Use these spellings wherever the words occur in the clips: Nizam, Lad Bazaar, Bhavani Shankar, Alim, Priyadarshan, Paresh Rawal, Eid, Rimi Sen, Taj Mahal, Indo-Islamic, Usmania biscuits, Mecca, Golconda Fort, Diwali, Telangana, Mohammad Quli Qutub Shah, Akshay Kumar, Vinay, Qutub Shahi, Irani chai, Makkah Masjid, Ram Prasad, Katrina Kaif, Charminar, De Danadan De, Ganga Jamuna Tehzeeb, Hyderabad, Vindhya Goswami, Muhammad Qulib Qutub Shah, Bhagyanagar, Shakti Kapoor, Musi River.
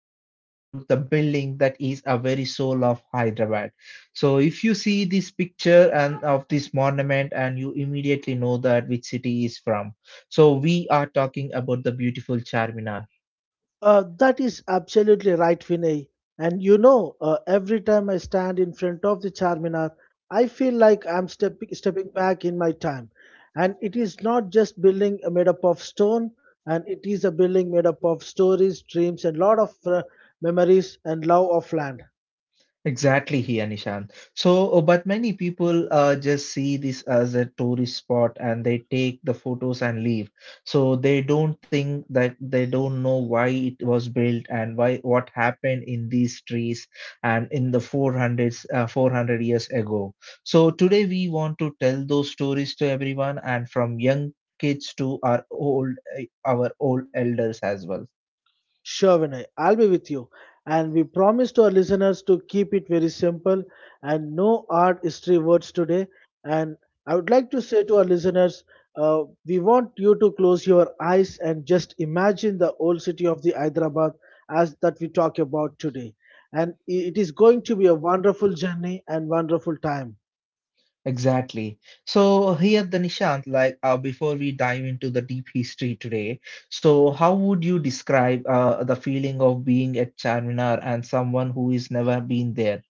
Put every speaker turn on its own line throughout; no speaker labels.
are talking about the building that is a very soul of Hyderabad. So, if you see this picture and of this monument, and you immediately know that which city is from. So, we are talking about the beautiful Charminar.
That is absolutely right, Vinay. And you know, every time I stand in front of the Charminar, I feel like I'm stepping back in my time. And it is not just building made up of stone, and it is a building made up of stories, dreams, and lot of memories and love of land.
Exactly here, Nishan. So, but many people just see this as a tourist spot and they take the photos and leave. So they don't think that they don't know why it was built and why what happened in these trees and in the 400 years ago. So today we want to tell those stories to everyone and from young kids to our our old elders as well.
Sure, Vinay, I'll be with you. And we promise to our listeners to keep it very simple and no art history words today. And I would like to say to our listeners, we want you to close your eyes and just imagine the old city of the Hyderabad as that we talk about today. And it is going to be a wonderful journey and wonderful time.
Exactly. So here, the Nishant, like before we dive into the deep history today, so how would you describe the feeling of being at Charminar and someone who is never been there?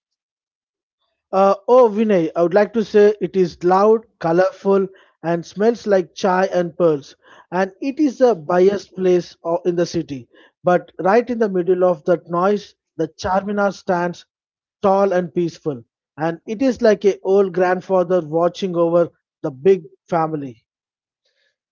Oh, Vinay, I would like to say it is loud, colorful, and smells like chai and pearls. And it is the biggest place in the city. But right in the middle of that noise, the Charminar stands tall and peaceful. And it is like a old grandfather watching over the big family.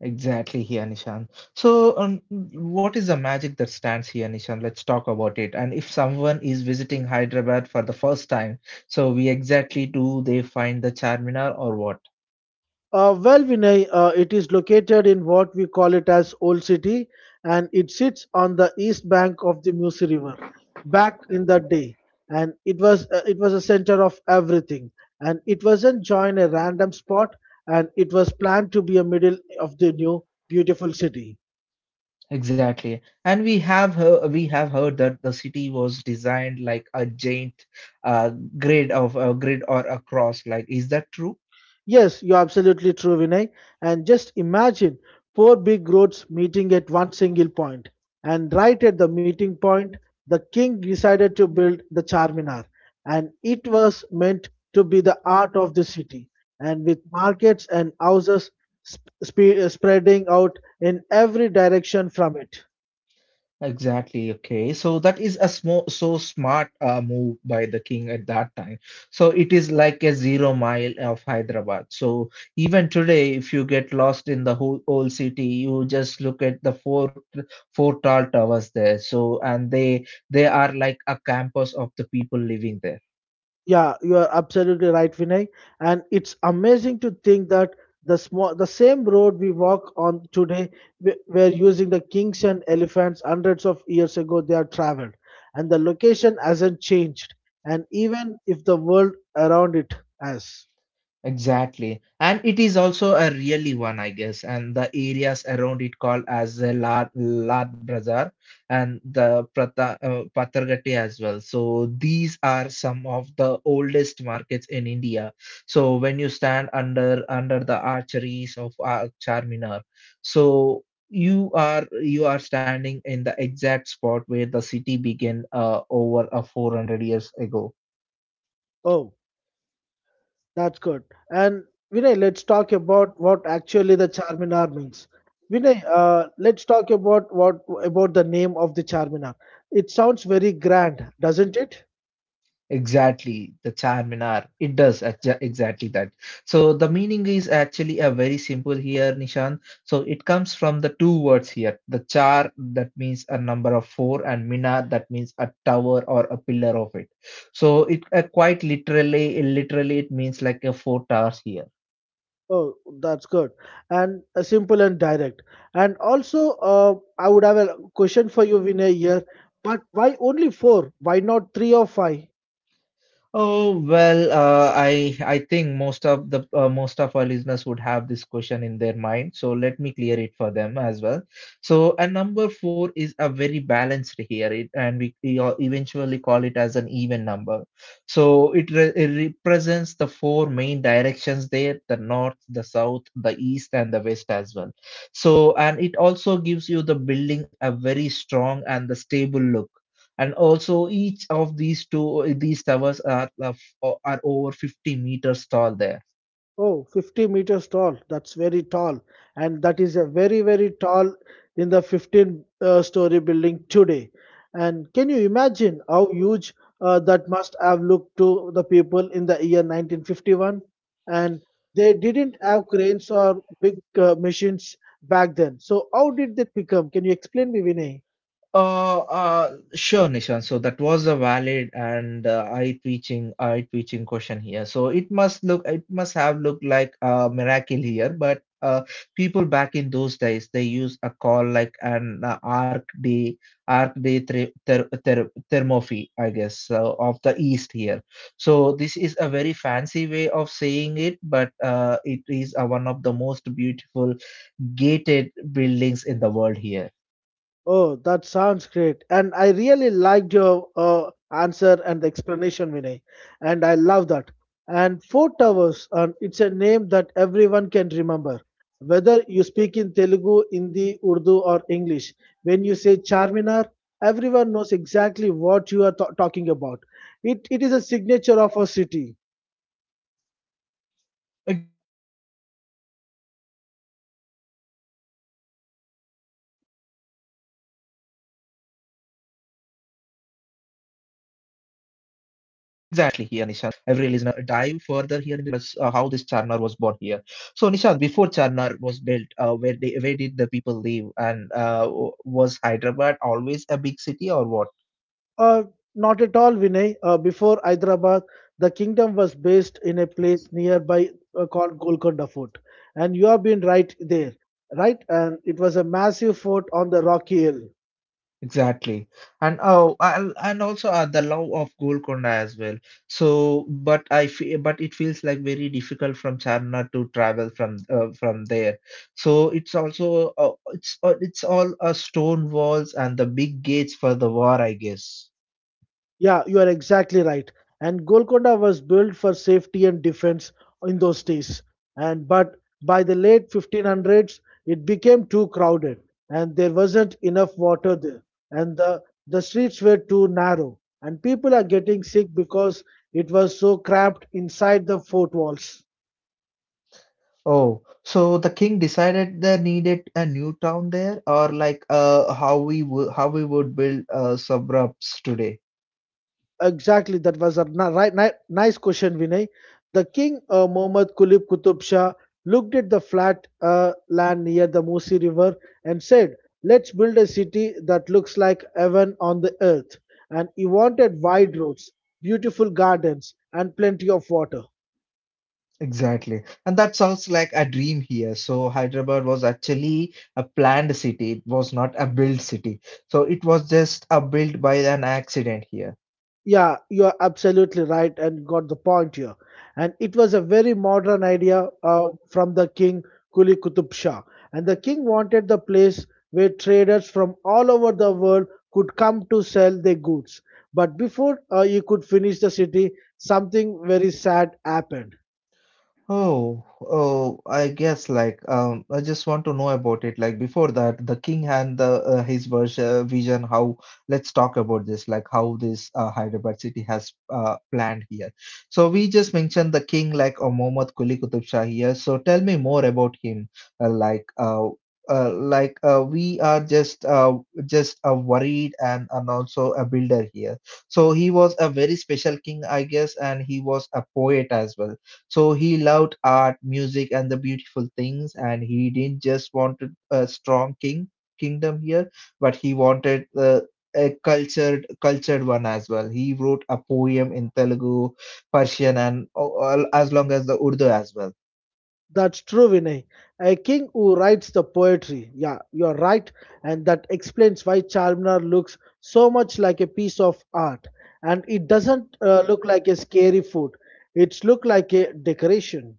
Exactly here, Nishant. So what is the magic that stands here, Nishant? Let's talk about it. And if someone is visiting Hyderabad for the first time, so we exactly do they find the Charminar or what?
Well, Vinay, it is located in what we call it as Old City, and it sits on the east bank of the Musi River. Back in the day, and it was a center of everything, and it wasn't join a random spot, and it was planned to be a middle of the new beautiful city.
Exactly. And we have heard that the city was designed like a giant uh, grid of a grid or a cross. Like, is that true?
Yes, you're absolutely true, Vinay. And just imagine four big roads meeting at one single point. And right at the meeting point, the king decided to build the Charminar. And it was meant to be the art of the city. And with markets and houses spreading out in every direction from it.
Exactly. Okay. So that is a small, so smart move by the king at that time. So it is like a zero mile of Hyderabad. So even today, if you get lost in the whole old city, you just look at the four tall towers there. So and they are like a campus of the people living there.
Yeah, you are absolutely right, Vinay. And it's amazing to think that the small, the same road we walk on today, we were using the kings and elephants hundreds of years ago. They are traveled, and the location hasn't changed. And even if the world around it has.
Exactly. And it is also a really one, I guess. And the areas around it called as the Lad Bazaar and the Patargati as well. So these are some of the oldest markets in India. So when you stand under the archeries of Charminar, so you are standing in the exact spot where the city began over a 400 years ago.
Oh. That's good. And Vinay, let's talk about what actually the Charminar means. Vinay, let's talk about what about the name of the Charminar. It sounds very grand, doesn't it?
Exactly, the Charminar. It does exactly that. So the meaning is actually a very simple here, Nishan. So it comes from the two words here. The char that means a number of four, and minar that means a tower or a pillar of it. So it literally it means like a four towers here.
Oh, that's good. And simple and direct. And also, I would have a question for you, Vinay, here. But why only four? Why not three or five?
Oh well, I think most of the most of our listeners would have this question in their mind, so let me clear it for them as well. So, and number four is a very balanced here, and we all eventually call it as an even number. So it represents the four main directions there: the north, the south, the east, and the west as well. So, and it also gives you the building a very strong and the stable look and also each of these towers are over 50 meters tall there.
Oh, 50 meters tall. That's very tall. And that is a very, very tall in the 15 story building today. And can you imagine how huge that must have looked to the people in the year 1951? And they didn't have cranes or big machines back then. So, how did that become? Can you explain me, Vinay?
Uh, uh, sure, Nishan. So that was a valid and eye-twitching question here. So it must have looked like a miracle here, but people back in those days, they use a call like an arc day thermophy, I guess, so of the East here. So this is a very fancy way of saying it, but it is one of the most beautiful gated buildings in the world here.
Oh, that sounds great. And I really liked your answer and explanation, Vinay. And I love that. And Four Towers, and it's a name that everyone can remember. Whether you speak in Telugu, Hindi, Urdu, or English, when you say Charminar, everyone knows exactly what you are talking about. It is a signature of our city.
Exactly, you have said rightly here, Nishant. So I hope every listener is got their answer for the actual questions what they have Nishant asked today. So now let's dive further here in this topic and let's how this Charnar was born here. So Nishant, before Charnar was built, where did the people live and was Hyderabad always a big city or what?
Uh, Not at all, Vinay. Before Hyderabad, the kingdom was based in a place nearby called Golconda Fort. And you have been right there, right? And it was a massive fort on the rocky hill.
Exactly. And oh, and also the love of Golconda as well. So, but it feels like very difficult from Charnar to travel from there. So it's also it's all stone walls and the big gates for the war, I guess.
Yeah, you are exactly right. And Golconda was built for safety and defense in those days. And but by the late 1500s, it became too crowded, and there wasn't enough water there, and the streets were too narrow, and people are getting sick because it was so cramped inside the fort walls.
Oh, so the king decided they needed a new town there, or like how we would build suburbs today.
Exactly, that was a nice question, Vinay. The king, Muhammad Qulib Qutub Shah, looked at the flat land near the Musi River and said, let's build a city that looks like heaven on the earth. And he wanted wide roads, beautiful gardens, and plenty of water.
Exactly. And that sounds like a dream here. So Hyderabad was actually a planned city. It was not a built city. So it was just a built by an accident here.
Yeah, you are absolutely right and got the point here. And it was a very modern idea from the king Kuli Kutub Shah. And the king wanted the place where traders from all over the world could come to sell their goods. But before he could finish the city, something very sad happened.
Oh, oh, I guess like I just want to know about it. Like before that, the king and the his version vision how let's talk about this like how this Hyderabad city has planned here. So we just mentioned the king like Mohammad Quli Qutub Shah here. So tell me more about him. Uh, like uh, like we are just Worried and also a builder here. So he was a very special king, I guess, and he was a poet as well. So he loved art, music, and the beautiful things, and he didn't just wanted a strong kingdom here, but he wanted a cultured one as well. He wrote a poem in Telugu, Persian, and all, as long as the Urdu as well.
That's true, Vinay. A king who writes the poetry. Yeah, you're right. And that explains why Charminar looks so much like a piece of art. And it doesn't look like a scary food. It's look like a decoration.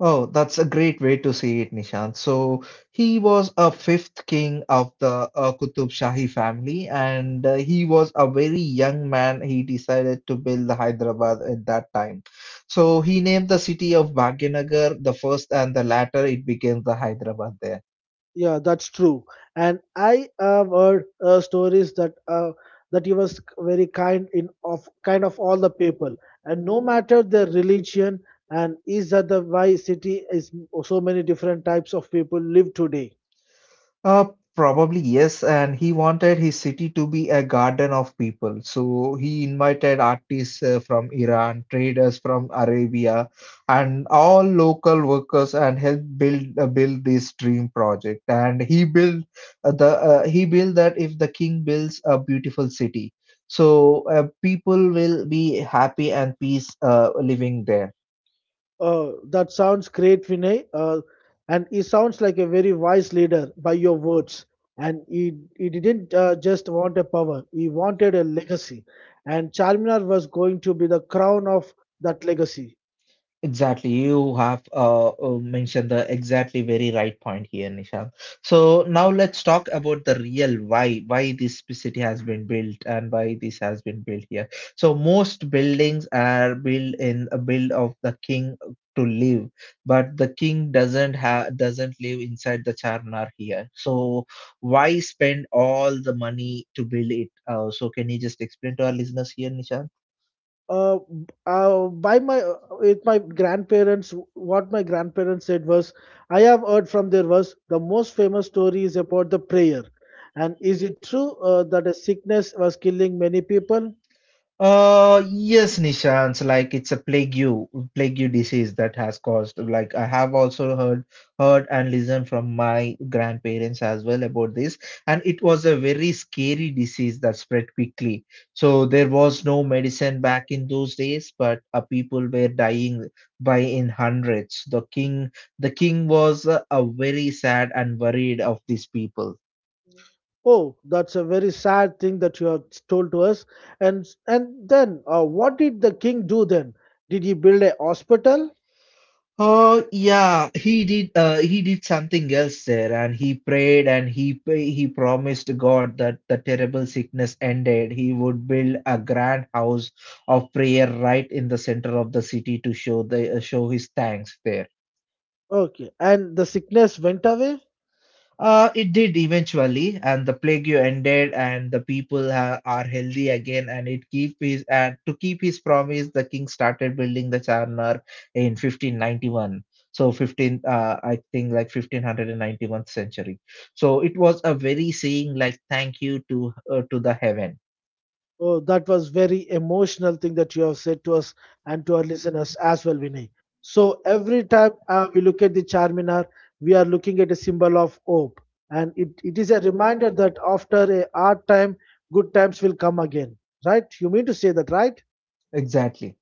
Oh, that's a great way to see it, Nishant. So he was a fifth king of the Qutub Shahi family, and he was a very young man. He decided to build the Hyderabad at that time. So he named the city of Bhagyanagar the first, and the latter it became the Hyderabad there.
Yeah, that's true. And I have heard stories that that he was very kind in of kind of all the people. And no matter their religion, and is that the why city is so many different types of people live today.
Uh, Probably yes, and he wanted his city to be a garden of people. So he invited artists from Iran, traders from Arabia, and all local workers, and helped build this dream project. And he built that if the king builds a beautiful city, so people will be happy and peace living there.
That sounds great, Vinay. And he sounds like a very wise leader by your words. And he didn't just want a power, he wanted a legacy. And Charminar was going to be the crown of that legacy.
Exactly, you have mentioned the exactly very right point here, Nishant. So now let's talk about the real why this city has been built and why this has been built here. So most buildings are built in a build of the king to live, but the king doesn't live inside the charnar here. So why spend all the money to build it? So can you just explain to our listeners here, Nishant?
B- by my With my grandparents, what my grandparents said was, I have heard from there was the most famous story is about the prayer. And is it true that a sickness was killing many people?
Yes, Nishant. Like it's a plague you disease that has caused. Like I have also heard and listened from my grandparents as well about this, and it was a very scary disease that spread quickly. So there was no medicine back in those days, but people were dying by in hundreds. The king was very sad and worried of these people.
Oh, that's a very sad thing that you have told to us. And then, what did the king do then? Did he build a hospital?
Oh yeah, he did. He did something else there, and he prayed and he pray- he promised God that the terrible sickness ended. He would build a grand house of prayer right in the center of the city to show the show his thanks there.
Okay, and the sickness went away.
It did eventually, and the plague ended, and the people are healthy again. And it keep his and to keep his promise, the king started building the Charnar in 1591. So I think like 1591st century. So it was a very saying like thank you to the heaven.
Oh, that was very emotional thing that you have said to us and to our listeners as well, Vinay. So every time we look at the Charminar, we are looking at a symbol of hope, and it is a reminder that after a hard time, good times will come again. Right? You mean to say that, right?
Exactly,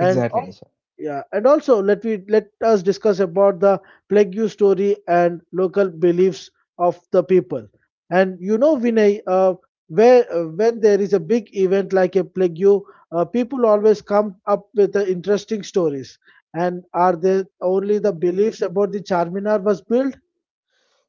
and al-
Nisha.
Yeah, and also let me let us discuss about the plague you story and local beliefs of the people. And you know Vinay, where when there is a big event like a plague you, people always come up with interesting stories and are there only the beliefs about the Charminar was built.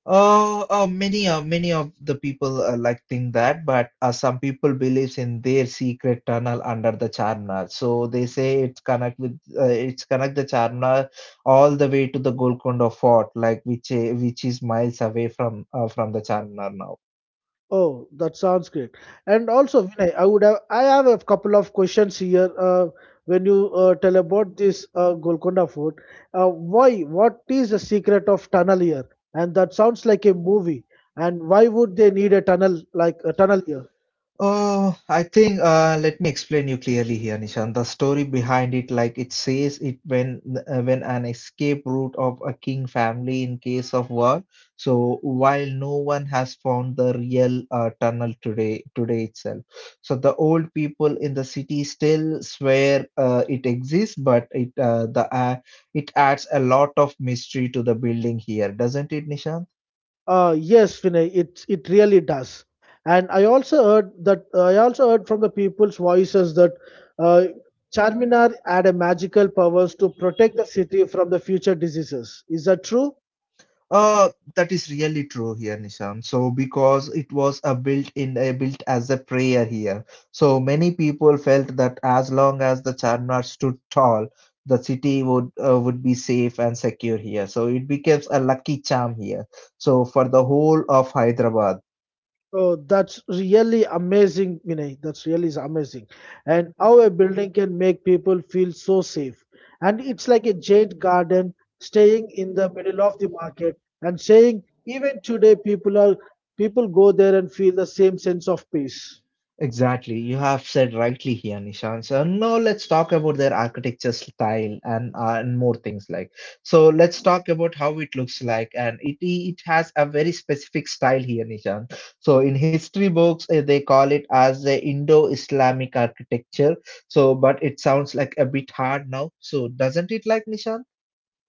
Many of the people like think that, but some people believes in their secret tunnel under the Charnar. So they say it's connect the Charnar all the way to the Golconda Fort, like which is miles away from the Charnar now.
Oh, that sounds great. And also, Vinay, I have a couple of questions here. When you tell about this Golconda Fort, why? What is the secret of tunnel here? And that sounds like a movie. And why would they need a tunnel like a tunnel here?
Oh, I think let me explain you clearly here, Nishan. The story behind it, like it says, it when an escape route of a king family in case of war. So while no one has found the real today itself. So the old people in the city still swear it exists, but it adds a lot of mystery to the building here, doesn't it, Nishan?
Yes, Vinay, it really does. And I also heard that I also heard from the people's voices that uh, Charminar had a magical powers to protect the city from the future diseases. Is that true?
Uh, that is really true here, Nishan. So because it was a built in a built as a prayer here. So many people felt that as long as the Charminar stood tall, the city would be safe and secure here. So it becomes a lucky charm here. So for the whole of Hyderabad.
Oh, that's really amazing, Vinay. That's really is amazing. And how a building can make people feel so safe. And it's like a giant garden staying in the middle of the market and saying even today people go there and feel the same sense of peace.
Exactly. You have said rightly here, Nishant. So now let's talk about their architecture style and more things like. So let's talk about how it looks like, and it has a very specific style here, Nishant. So in history books, they call it as the Indo-Islamic architecture. So, but it sounds like a bit hard now. So doesn't it, like Nishant?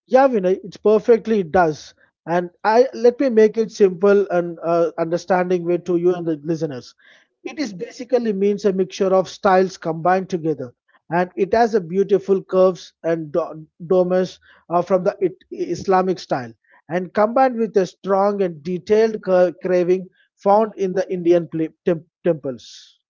Yeah, Vinay, it's perfectly it does. And I let me make it simple and understanding way to you and the listeners. It is basically means a mixture of styles combined together, and it has a beautiful curves and domes from the Islamic style, and combined with a strong and detailed craving found in the Indian temples.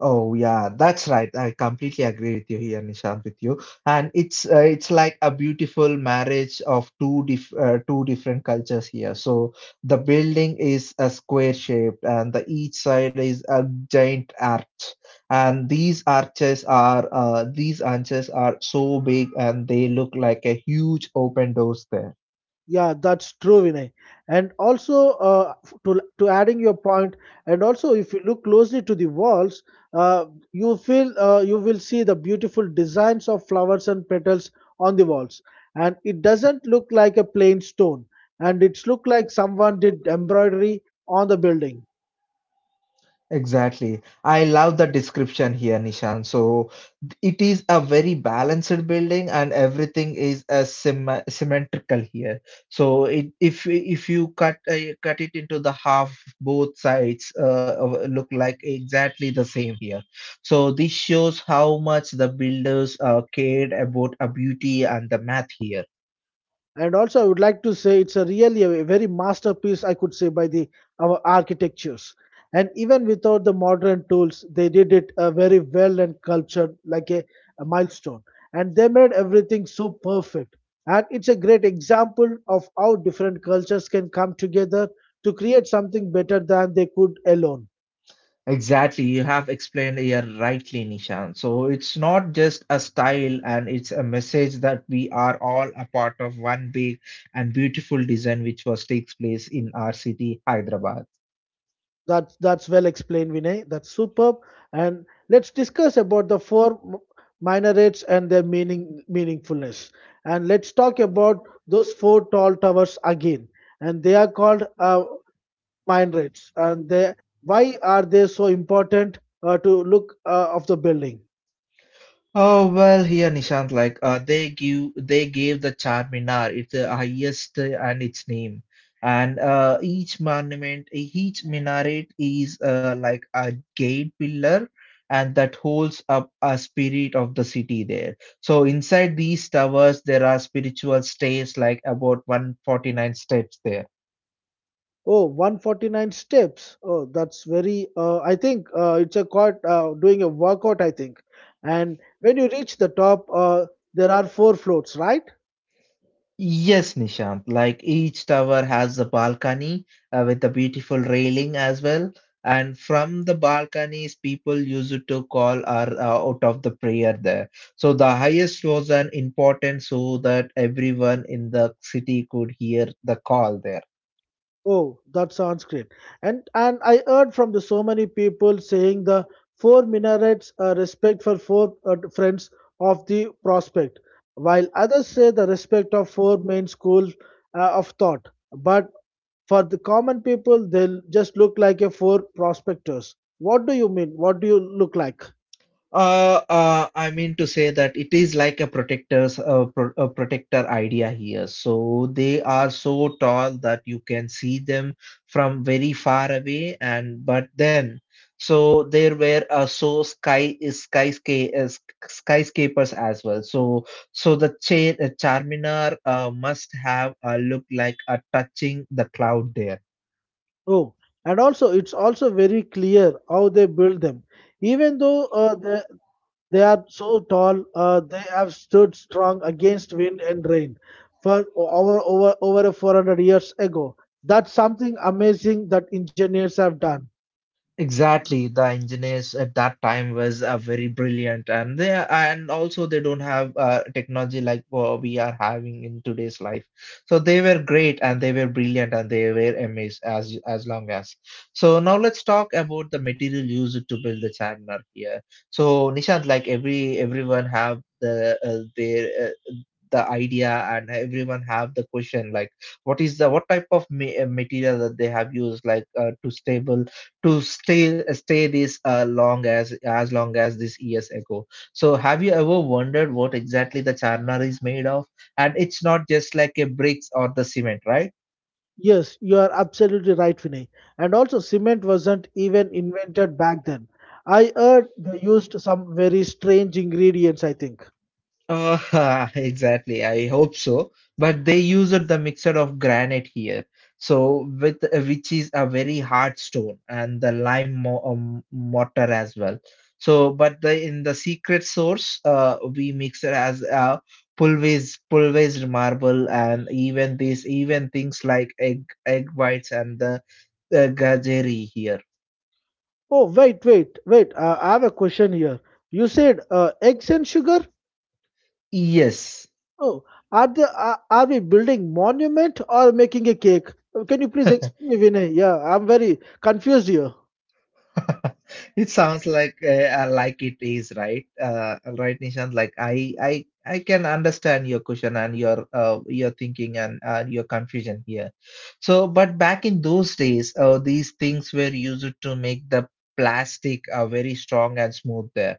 Oh yeah, that's right. I completely agree with you here, Nishant, with you. And it's like a beautiful marriage of two different cultures here. So the building is a square shape, and the each side is a giant arch. And these arches are so big, and they look like a huge open doors there.
Yeah, that's true, Vinay. And also, to adding your point, and also if you look closely to the walls, uh, you will see the beautiful designs of flowers and petals on the walls, and it doesn't look like a plain stone, and it's look like someone did embroidery on the building.
Exactly. I love the description here, Nishan. So it is a very balanced building and everything is a symmetrical here, so it, if you cut it into the half, both sides look like exactly the same here. So this shows how much the builders cared about a beauty and the math here.
And also, I would like to say it's a really a very masterpiece, I could say, by the our architectures. And even without the modern tools, they did it very well and cultured, like a milestone. And they made everything so perfect. And it's a great example of how different cultures can come together to create something better than they could alone.
Exactly, you have explained here rightly, Nishan. So it's not just a style, and it's a message that we are all a part of one big and beautiful design which was takes place in our city, Hyderabad.
That's well explained, Vinay. That's superb. And let's discuss about the four minarets and their meaningfulness. And let's talk about those four tall towers again. And they are called minarets. And they why are they so important to look of the building?
Oh well, here Nishant, they gave the Charminar its highest and its name, and each monument, each minaret is like a gate pillar, and that holds up a spirit of the city there. So inside these towers, there are spiritual stays, like about 149 steps there.
Oh, 149 steps. Oh, that's very. I think it's a quite doing a workout. I think. And when you reach the top, there are four floors, right?
Yes, Nishant. Like each tower has a balcony with a beautiful railing as well. And from the balconies, people used to call or out of the prayer there. So the highest was an important so that everyone in the city could hear the call there.
Oh, that sounds great. And I heard from the so many people saying the four minarets respect for four friends of the prospect, while others say the respect of four main schools of thought. But for the common people, they'll just look like a four prospectors. What do you mean? What do you look like?
I mean to say that it is like a pro a protector idea here. So they are so tall that you can see them from very far away, and but then so there were so skyscrapers as well. So so the cha Charminar must have a look like a touching the cloud there.
Oh, and also it's also very clear how they build them. Even though they are so tall, they have stood strong against wind and rain for over 400 years ago. That's something amazing that engineers have done.
Exactly, the engineers at that time was very brilliant, and they and also they don't have technology like what we are having in today's life. So they were great and they were brilliant and they were amazed as long as. So now let's talk about the material used to build the charminar here. So Nishant, like everyone have the idea, and everyone have the question like what is the what type of material that they have used, like to stable to stay this long as long as this years ago. So have you ever wondered what exactly the charnar is made of, and it's not just like a bricks or the cement, right?
Yes, you are absolutely right, Vinay. And also, cement wasn't even invented back then. I heard they used some very strange ingredients, I think.
Exactly. I hope so. But they used the mixture of granite here, so with which is a very hard stone, and the lime mo mortar as well. So, but the in the secret source, we mix it as pulverized marble, and even this, even things like egg whites and the gajeri here.
Oh, wait. I have a question here. You said eggs and sugar?
Yes.
Oh, are we building monument or making a cake? Can you please explain me, Vinay? Yeah, I'm very confused here.
It sounds like it is, right? Right, Nishant. Like I can understand your question and your thinking and your confusion here. So, but back in those days, these things were used to make the plastic very strong and smooth there,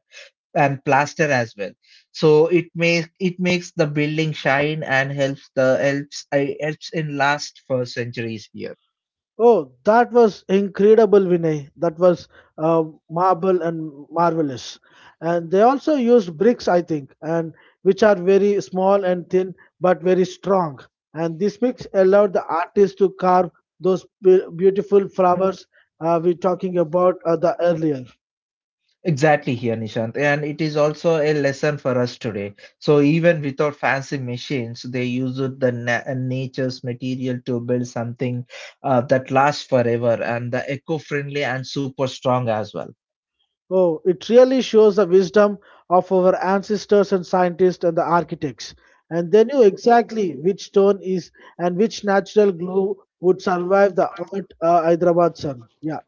and plaster as well. So it makes the building shine and helps the helps in last for centuries here.
Oh, that was incredible, Vinay. That was uh, marble and marvelous. And they also used bricks, I think, and which are very small and thin, but very strong. And this mix allowed the artist to carve those beautiful flowers we're talking about the earlier.
Exactly here, Nishant. And it is also a lesson for us today. So even without fancy machines, they use it the nature's material to build something that lasts forever and the eco-friendly and super strong as well.
Oh, it really shows the wisdom of our ancestors and scientists and the architects. And they knew exactly which stone is and which natural glue would survive the hot Hyderabad sun. Yeah,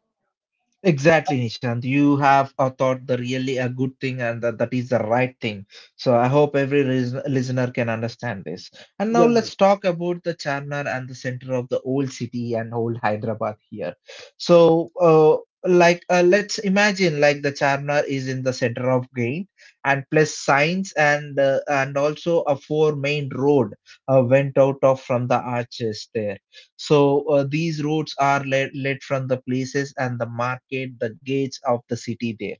Exactly, Nishant. You have thought the really a good thing, and that is the right thing. So I hope every listener can understand this. And now
yeah.
let's talk about the Charminar and the center of the old city and old Hyderabad here. So, let's imagine like the Charminar is in the center of Gain and plus signs and also a four main road went out of from the arches there. So these roads are led from the places and the market, the gates of the city there.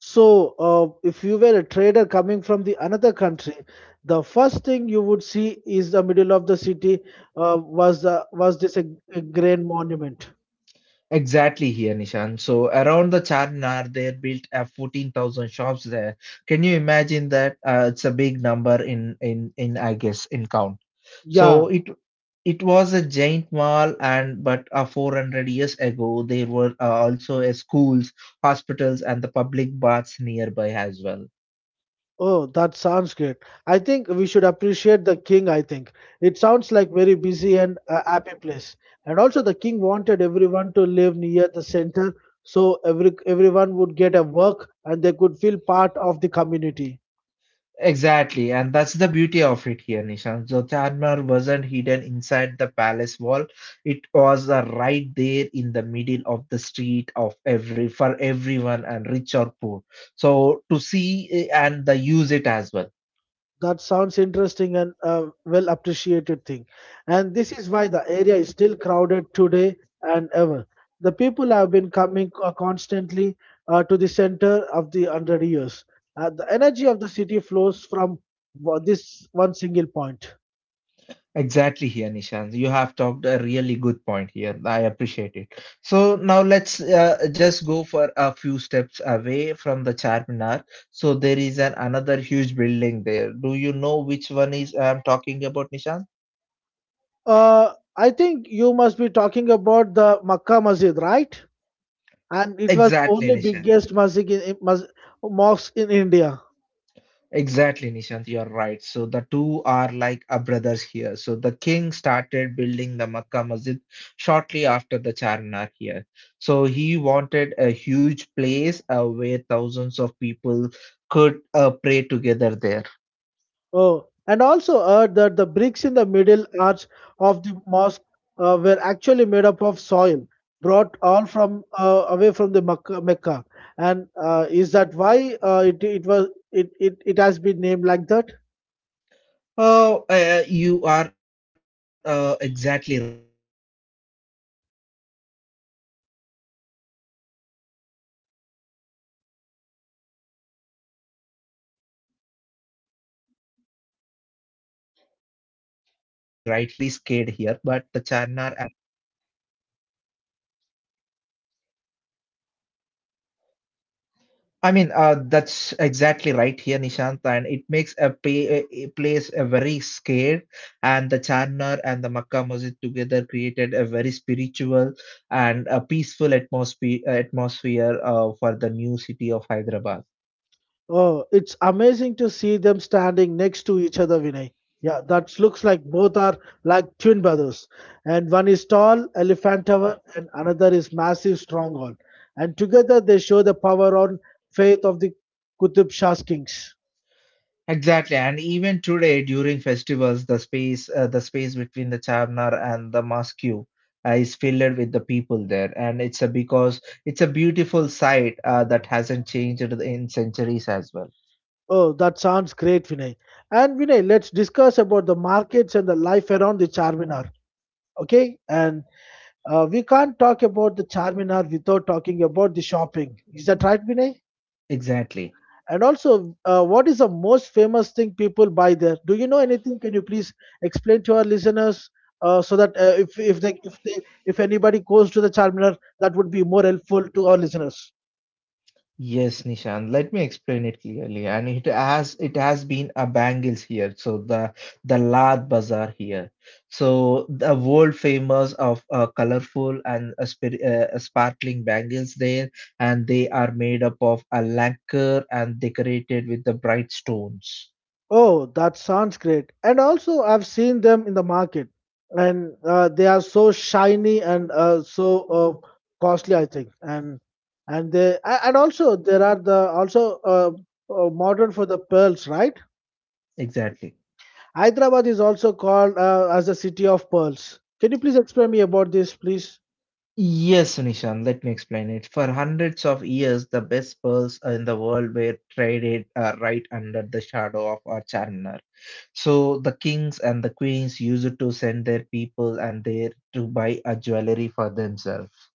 So, if you were a trader coming from the another country, the first thing you would see is the middle of the city was this a grain monument.
Exactly here, Nishan. So around the Charminar, they built 14,000 shops there. Can you imagine that? It's a big number in, I guess, in count.
Yeah.
So it was a giant mall, and but 400 years ago there were also a schools, hospitals and the public baths nearby as well.
Oh, that sounds great. I think we should appreciate the king, I think. It sounds like very busy and a happy place. And also the king wanted everyone to live near the center so everyone would get a work and they could feel part of the community.
Exactly, and that's the beauty of it here, Nishan. Jyotirmar wasn't hidden inside the palace wall. It was right there in the middle of the street of every for everyone and rich or poor. So to see and the use it as well.
That sounds interesting and a well appreciated thing. And this is why the area is still crowded today and ever. The people have been coming constantly to the center of the 100 years. The energy of the city flows from this one single point.
Exactly here, Nishant. You have talked a really good point here. I appreciate it. So now let's just go for a few steps away from the Charminar. So there is an another huge building there. Do you know which one is I'm talking about, Nishant?
I think you must be talking about the Makkah Masjid, right? And it was the
Exactly,
only
Nishant.
biggest masjid, mosque in India.
Exactly, Nishant, you're right. So the two are like a brothers here. So the king started building the Makkah Masjid shortly after the Charminar here. So he wanted a huge place where thousands of people could pray together there.
Oh, and also heard that the bricks in the middle arch of the mosque were actually made up of soil brought all from away from the Mecca. And is that why it it was it, it it has been named like that?
Oh, you are exactly right here, Nishan. So it makes the place very scared here. But the Charminar and the Makkah Masjid together created a very spiritual and peaceful atmosphere for the new city of Hyderabad there. I mean, that's exactly right here, Nishant, and it makes a, pay, a place a very scared, and the Charnar and the Makkah Masjid together created a very spiritual and a peaceful atmosphere for the new city of Hyderabad.
Oh, it's amazing to see them standing next to each other, Vinay. Yeah, that looks like both are like twin brothers. And one is tall, elephant tower, and another is massive, stronghold. And together they show the power on faith of the Qutub Shah's kings.
Exactly, and even today during festivals, the space between the Charnar and the mosque is filled with the people there, and it's a because it's a beautiful sight that hasn't changed in centuries as well.
Oh, that sounds great, Vinay. And Vinay, let's discuss about the markets and the life around the Charminar. Okay? And we can't talk about the Charminar without talking about the shopping. Is that right, Vinay?
Exactly.
And also, what is the most famous thing people buy there? Do you know anything? Can you please explain to our listeners so that if they if they if anybody goes to the Charminar, that would be more helpful to our listeners.
Yes, Nishan. Let me explain it clearly. And it has been a bangles here. So the Lad Bazaar here. So the world famous of colorful and sparkling bangles there, and they are made up of a lacquer and decorated with the bright stones.
Oh, that sounds great. And also, I've seen them in the market, and they are so shiny and so uh, costly, I think. And also there are the also modern for the pearls, right?
Exactly.
Hyderabad is also called as the city of pearls. Can you please explain me about this, please?
Yes, Nishan, let me explain it. For hundreds of years, the best pearls in the world were traded right under the shadow of our Charminar. So the kings and the queens used to send their people and there to buy a jewelry for themselves.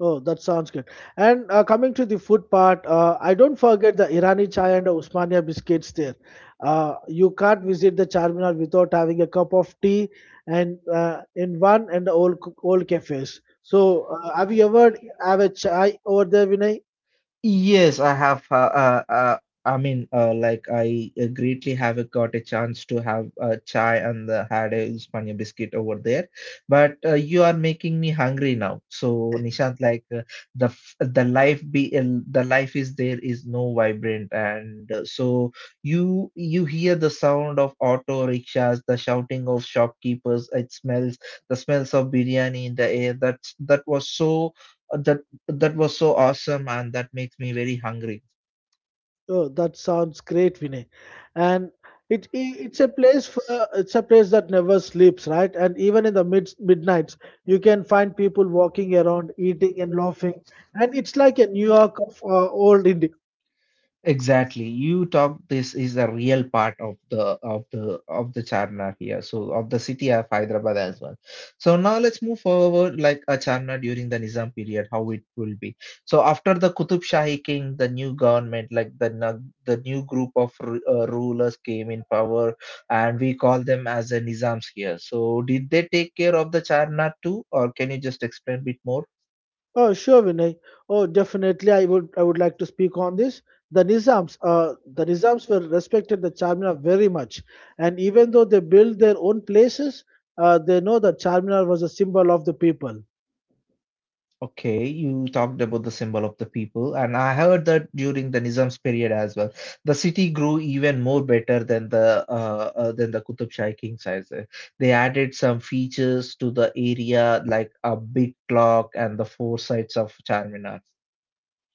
Oh, that sounds good. And coming to the food part, I don't forget the Irani chai and the Usmania biscuits there. You can't visit the Charminar without having a cup of tea and in one and the old cafes. So, have you ever have a chai over there, Vinay?
Yes, I have. I mean, like I greatly have got a chance to have chai and had a Uspania biscuit over there. But you are making me hungry now. So Nishant, the life is there is no vibrant, and so you hear the sound of auto rickshaws, the shouting of shopkeepers. It smells the smells of biryani in the air. That that was so. That was so awesome, and that makes me very hungry.
Oh, that sounds great, Vinay. And it's a place for it's a place that never sleeps, right? And even in the midnights, you can find people walking around, eating and laughing. And it's like a New York of old India.
Exactly, you talk. This is a real part of the of the of the Charnar here, so of the city of Hyderabad as well. So now let's move forward, like a Charnar during the Nizam period, how it will be. So after the Qutub Shahi king, the new government, like the new group of rulers came in power, and we call them as the Nizams here. So did they take care of the Charnar too, or can you just explain a bit more?
Oh, sure, Vinay. Oh, definitely. I would like to speak on this. The Nizams were respected the Charminar very much, and even though they built their own places, they know that Charminar was a symbol of the people.
Okay, you talked about the symbol of the people, and I heard that during the Nizam's period as well, the city grew even more better than the Qutub Shahi kings. As well. They added some features to the area, like a big clock and the four sides of Charminar.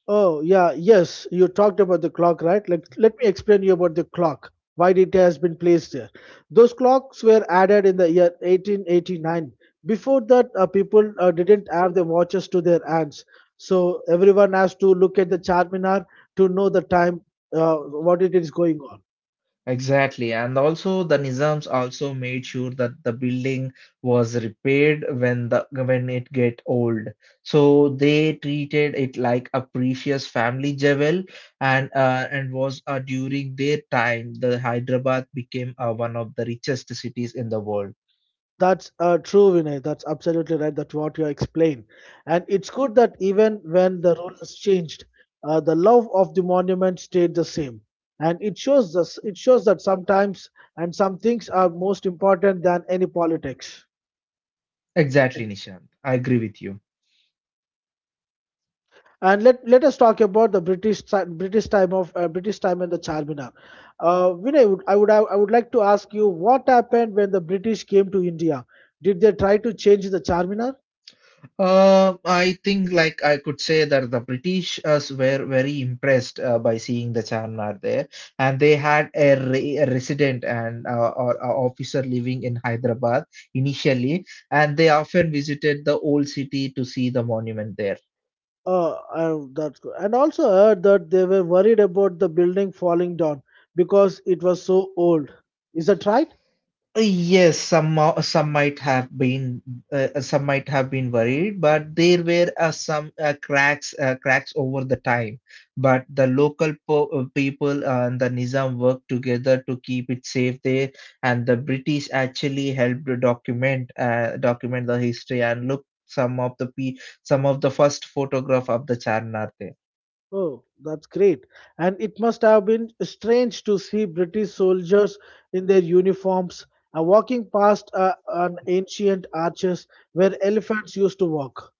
Oh, yeah, yes, you talked about the clock, right? Let me explain you about the clock, why it has been placed there. Those clocks were added in the year 1889. Before that, people didn't have the watches to their hands. So everyone has to look at the Charminar to know the time, what it is going on.
Exactly, and also the Nizams also made sure that the building was repaired when the when it get old. So they treated it like a precious family jewel, and was during their time the Hyderabad became one of the richest cities in the world.
That's true, Vinay. That's absolutely right. That's what you explain, and it's good that even when the rule has changed, the love of the monument stayed the same, and it shows us. It shows that sometimes and some things are most important than any politics.
Exactly, Nishant. I agree with you.
And let us talk about the British ti- British time of British time and the Charminar. Vinay, would- I would I would like to ask you what happened when the British came to India? Did they try to change the Charminar?
I think like I could say that the British were very impressed by seeing the Charminar there, and they had a resident and or officer living in Hyderabad initially, and they often visited the old city to see the monument there.
That's good. And also heard that they were worried about the building falling down because it was so old. Is that right?
Yes, some might have been some might have been worried, but there were some cracks cracks over the time. But the people and the Nizam worked together to keep it safe there, and the British actually helped to document the history and look some of the pe- some of the first photograph of the Charnar there.
Oh, that's great. And it must have been strange to see British soldiers in their uniforms walking past an ancient arches where elephants used to walk,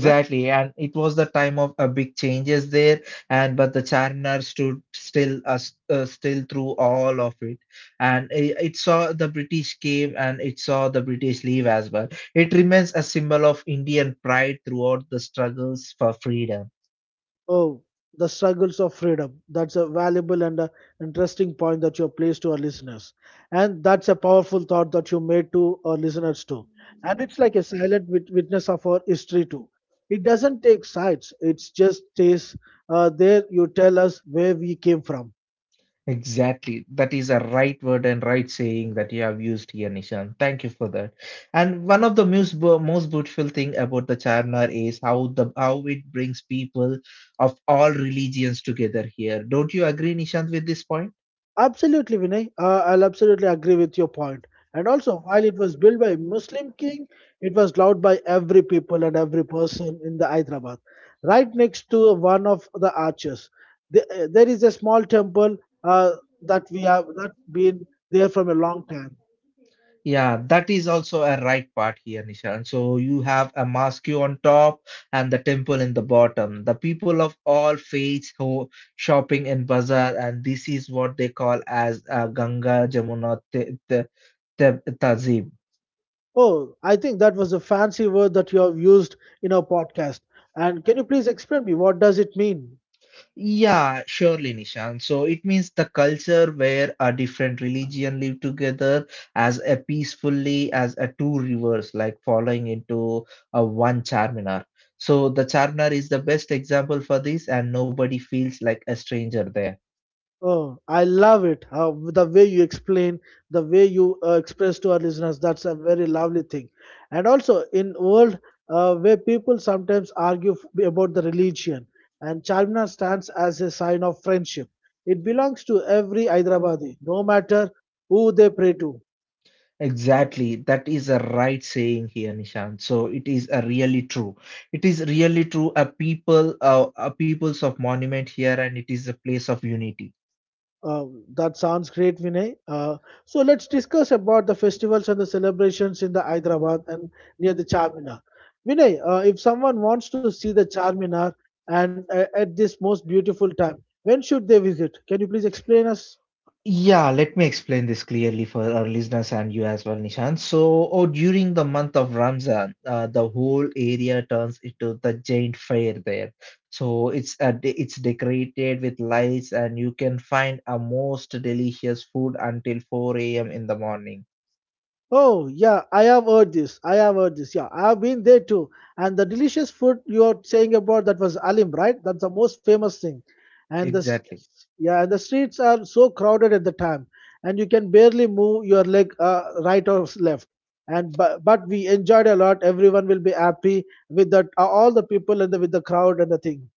right?
and it was the time of big changes there, and but the Charminar stood still, still through all of it, and it saw the British came and it saw the British leave as well. It remains a symbol of Indian pride throughout the struggles for freedom.
Oh, the struggles of freedom. That's a valuable and a interesting point that you have placed to our listeners. And that's a powerful thought that you made to our listeners too. And it's like a silent witness of our history too. It doesn't take sides, it just stays there. You tell us where we came from.
Exactly. That is a right word and right saying that you have used here, Nishan. Thank you for that. And one of the most beautiful thing about the Charnar is how the how it brings people of all religions together here. Don't you agree, Nishant, with this point?
Absolutely, Vinay. I'll absolutely agree with your point. And also, while it was built by Muslim king, it was loved by every people and every person in the Hyderabad. Right next to one of the arches, there is a small temple uh, that we have not been there from a long time.
Yeah, that is also a right part here, Nishan. So you have a mosque on top and the temple in the bottom. The people of all faiths who shopping in bazaar, and this is what they call as Ganga Jamuna Tazim.
Oh, I think that was a fancy word that you have used in our podcast. And can you please explain me what does it mean?
Yeah, surely, Nishan. So it means the culture where a different religion live together as a peacefully as a two rivers, like following into a one Charminar. So the Charminar is the best example for this, and nobody feels like a stranger there.
Oh, I love it. How the way you explain, the way you express to our listeners, that's a very lovely thing. And also in world where people sometimes argue about the religion, and Charminar stands as a sign of friendship. It belongs to every Hyderabadi, no matter who they pray to.
Exactly, that is a right saying here, Nishan. So it is a really true. It is really true. A people, a peoples of monument here, and it is a place of unity.
Uh, that sounds great, Vinay. So let's discuss about the festivals and the celebrations in the Hyderabad and near the Charminar. Vinay, if someone wants to see the Charminar and at this most beautiful time, when should they visit? Can you please explain us?
Yeah, let me explain this clearly for our listeners and you as well, Nishan. So, or during the month of Ramzan, the whole area turns into the giant fair there. So it's decorated with lights, and you can find a most delicious food until 4 a.m. in the morning.
Oh, yeah, I have heard this. Yeah, I have been there too. And the delicious food you are saying about that was Alim, right? That's the most famous thing. And the s-
Exactly.
yeah, and the streets are so crowded at the time, and you can barely move your leg right or left. And but we enjoyed a lot. Everyone will be happy with that. All the people and the, with the crowd and the thing.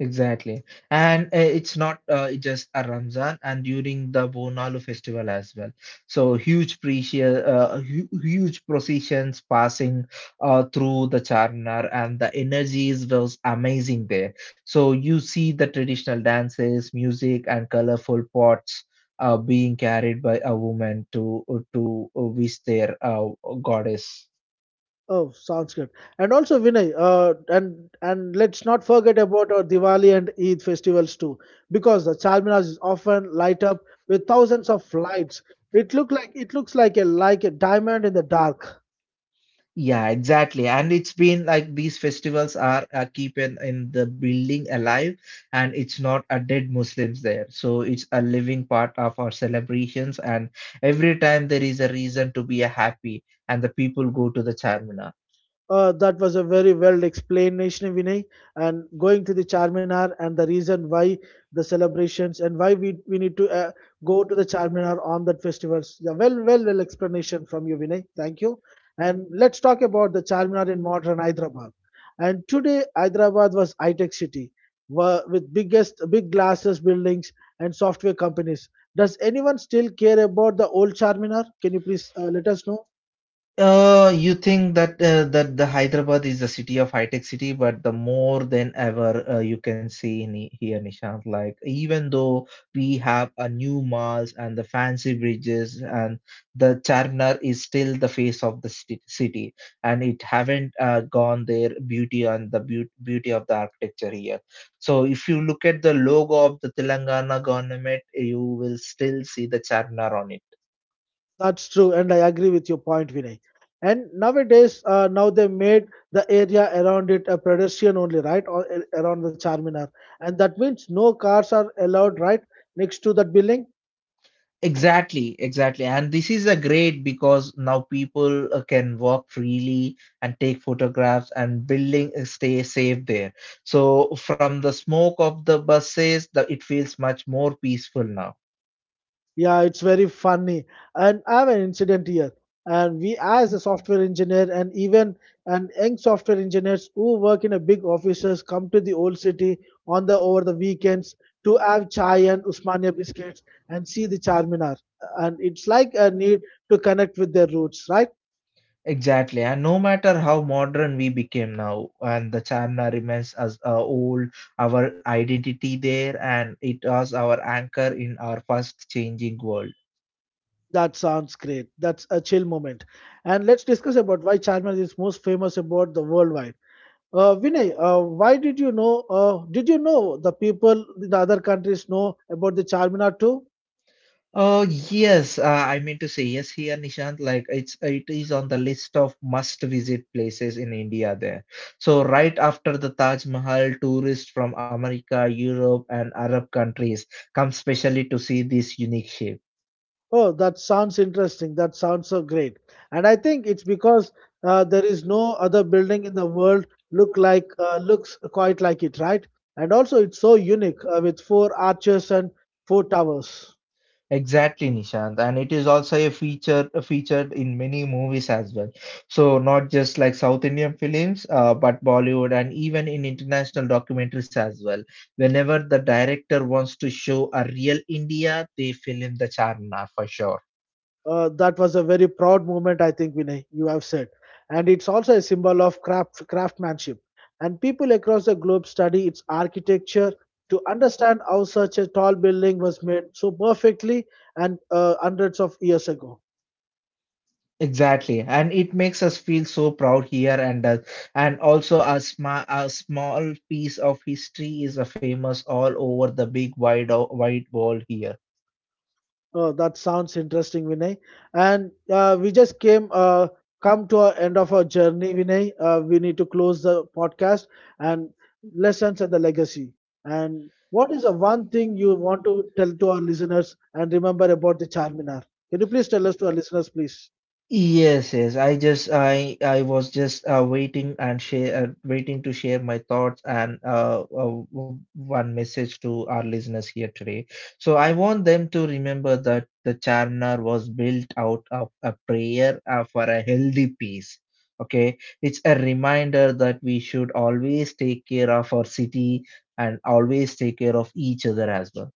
Exactly. And it's not it just a Ramzan and during the Bonalu festival as well. So huge processions passing through the Charminar and the energies was amazing there. So you see the traditional dances, music and colorful pots being carried by a woman to wish their goddess.
Oh, sounds good. And also, Vinay, and let's not forget about our Diwali and Eid festivals too, because the Charminar is often light up with thousands of lights. It looks like a diamond in the dark.
Yeah, exactly. And it's been like these festivals are keeping in the building alive, and it's not a dead Muslims there. So it's a living part of our celebrations. And every time there is a reason to be a happy, and the people go to the Charminar.
That was a very well explanation, Vinay, and going to the Charminar and the reason why the celebrations and why we need to go to the Charminar on that festivals. Yeah, well explanation from you, Vinay. Thank you. And let's talk about the Charminar in modern Hyderabad. And today, Hyderabad was high-tech city with biggest big glasses buildings and software companies. Does anyone still care about the old Charminar? Can you please let us know?
You think that the Hyderabad is the city of high tech city, but the more than ever you can see in here, Nishant. Like even though we have a new malls and the fancy bridges and the Charminar is still the face of the city, and it haven't gone their beauty and the beauty of the architecture here. So if you look at the logo of the Telangana government, you will still see the Charminar on it.
That's true, and I agree with your point, Vinay. And nowadays, now they made the area around it a pedestrian only, right? Around the Charminar, and that means no cars are allowed, right, next to that building.
Exactly, exactly. And this is a great because now people can walk freely and take photographs and building stay safe there. So from the smoke of the buses, the, it feels much more peaceful now.
Yeah, it's very funny. And I have an incident here. And we, as a software engineer, and even and young software engineers who work in a big offices, come to the old city on the over the weekends to have chai and Usmania biscuits and see the Charminar. And it's like a need to connect with their roots, right?
Exactly. And no matter how modern we became now, and the Charna remains as old, our identity there, and it was our anchor in our fast changing world.
That sounds great. That's a chill moment. And let's discuss about why Charminar is most famous about the worldwide. Vinay, why did you know? Did you know the people in the other countries know about the Charminar too?
Oh yes, I mean to say yes here, Nishant. Like it is on the list of must visit places in India there. So right after the Taj Mahal, tourists from America, Europe, and Arab countries come specially to see this unique shape.
Oh, that sounds interesting. That sounds so great. And I think it's because there is no other building in the world looks quite like it, right? And also, it's so unique with four arches and four towers.
Exactly, Nishant, and it is also a featured in many movies as well. So not just like South Indian films, but Bollywood and even in international documentaries as well. Whenever the director wants to show a real India, they film the Charna for sure.
That was a very proud moment, I think, Vinay, you have said. And it's also a symbol of craftsmanship. And people across the globe study its architecture to understand how such a tall building was made so perfectly and hundreds of years ago.
Exactly, and it makes us feel so proud here, and also a small piece of history is famous all over the big wide world here.
Oh, that sounds interesting, Vinay. And we just came come to our end of our journey, Vinay. We need to close the podcast and lessons and the legacy. And what is the one thing you want to tell to our listeners and remember about the Charminar? Can you please tell us to our listeners, please?
Yes, yes. I was just waiting to share my thoughts and one message to our listeners here today. So I want them to remember that the charnar was built out of a prayer for a healthy peace. Okay, it's a reminder that we should always take care of our city and always take care of each other as well.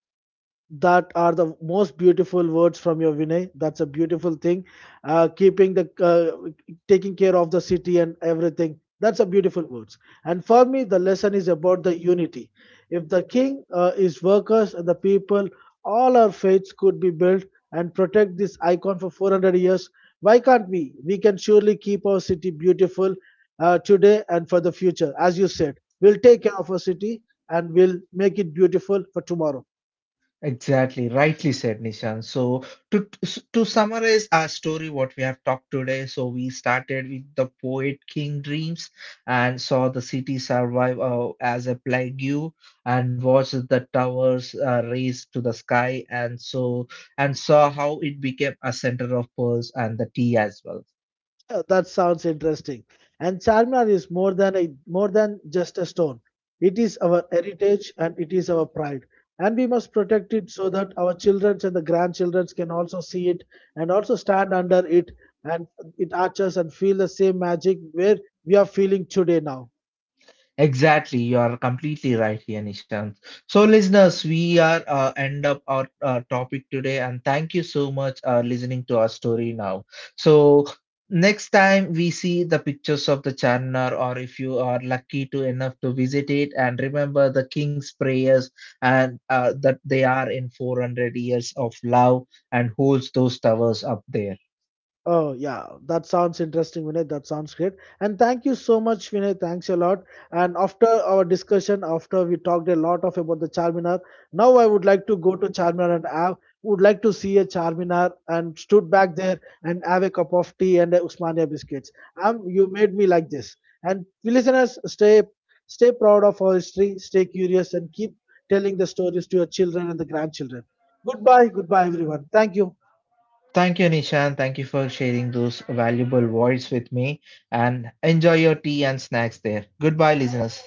That are the most beautiful words from your Vinay. That's a beautiful thing. Keeping the taking care of the city and everything. That's a beautiful words. And for me, the lesson is about the unity. If the king is workers and the people, all our faiths could be built and protect this icon for 400 years. Why can't we? We can surely keep our city beautiful today and for the future. As you said, we'll take care of our city and we'll make it beautiful for tomorrow.
Exactly, rightly said, Nishan. So to to summarize our story, what we have talked today, so we started with the poet king dreams and saw the city survive as a plague and watched the towers raise to the sky and so and saw how it became a center of pearls and the tea as well.
That sounds interesting. And Charminar is more than just a stone. It is our heritage and it is our pride. And we must protect it so that our children and the grandchildren can also see it and also stand under it and it arches and feel the same magic where we are feeling today now.
Exactly, you are completely right here, Nishant. So, listeners, we are end up our topic today, and thank you so much listening to our story now. So, next time we see the pictures of the Charnar, or if you are lucky to enough to visit it, and remember the King's prayers, and that they are in 400 years of love and holds those towers up there.
Oh, yeah, that sounds interesting, Vinay. That sounds great. And thank you so much, Vinay. Thanks a lot. And after our discussion, after we talked a lot of about the Charminar, now I would like to go to Charminar and have, would like to see a Charminar and stood back there and have a cup of tea and a Usmania biscuits. You made me like this. And listeners, stay proud of our history, stay curious, and keep telling the stories to your children and the grandchildren. Goodbye, everyone. Thank you.
Thank you, Nishan. Thank you for sharing those valuable words with me. And enjoy your tea and snacks there. Goodbye, listeners.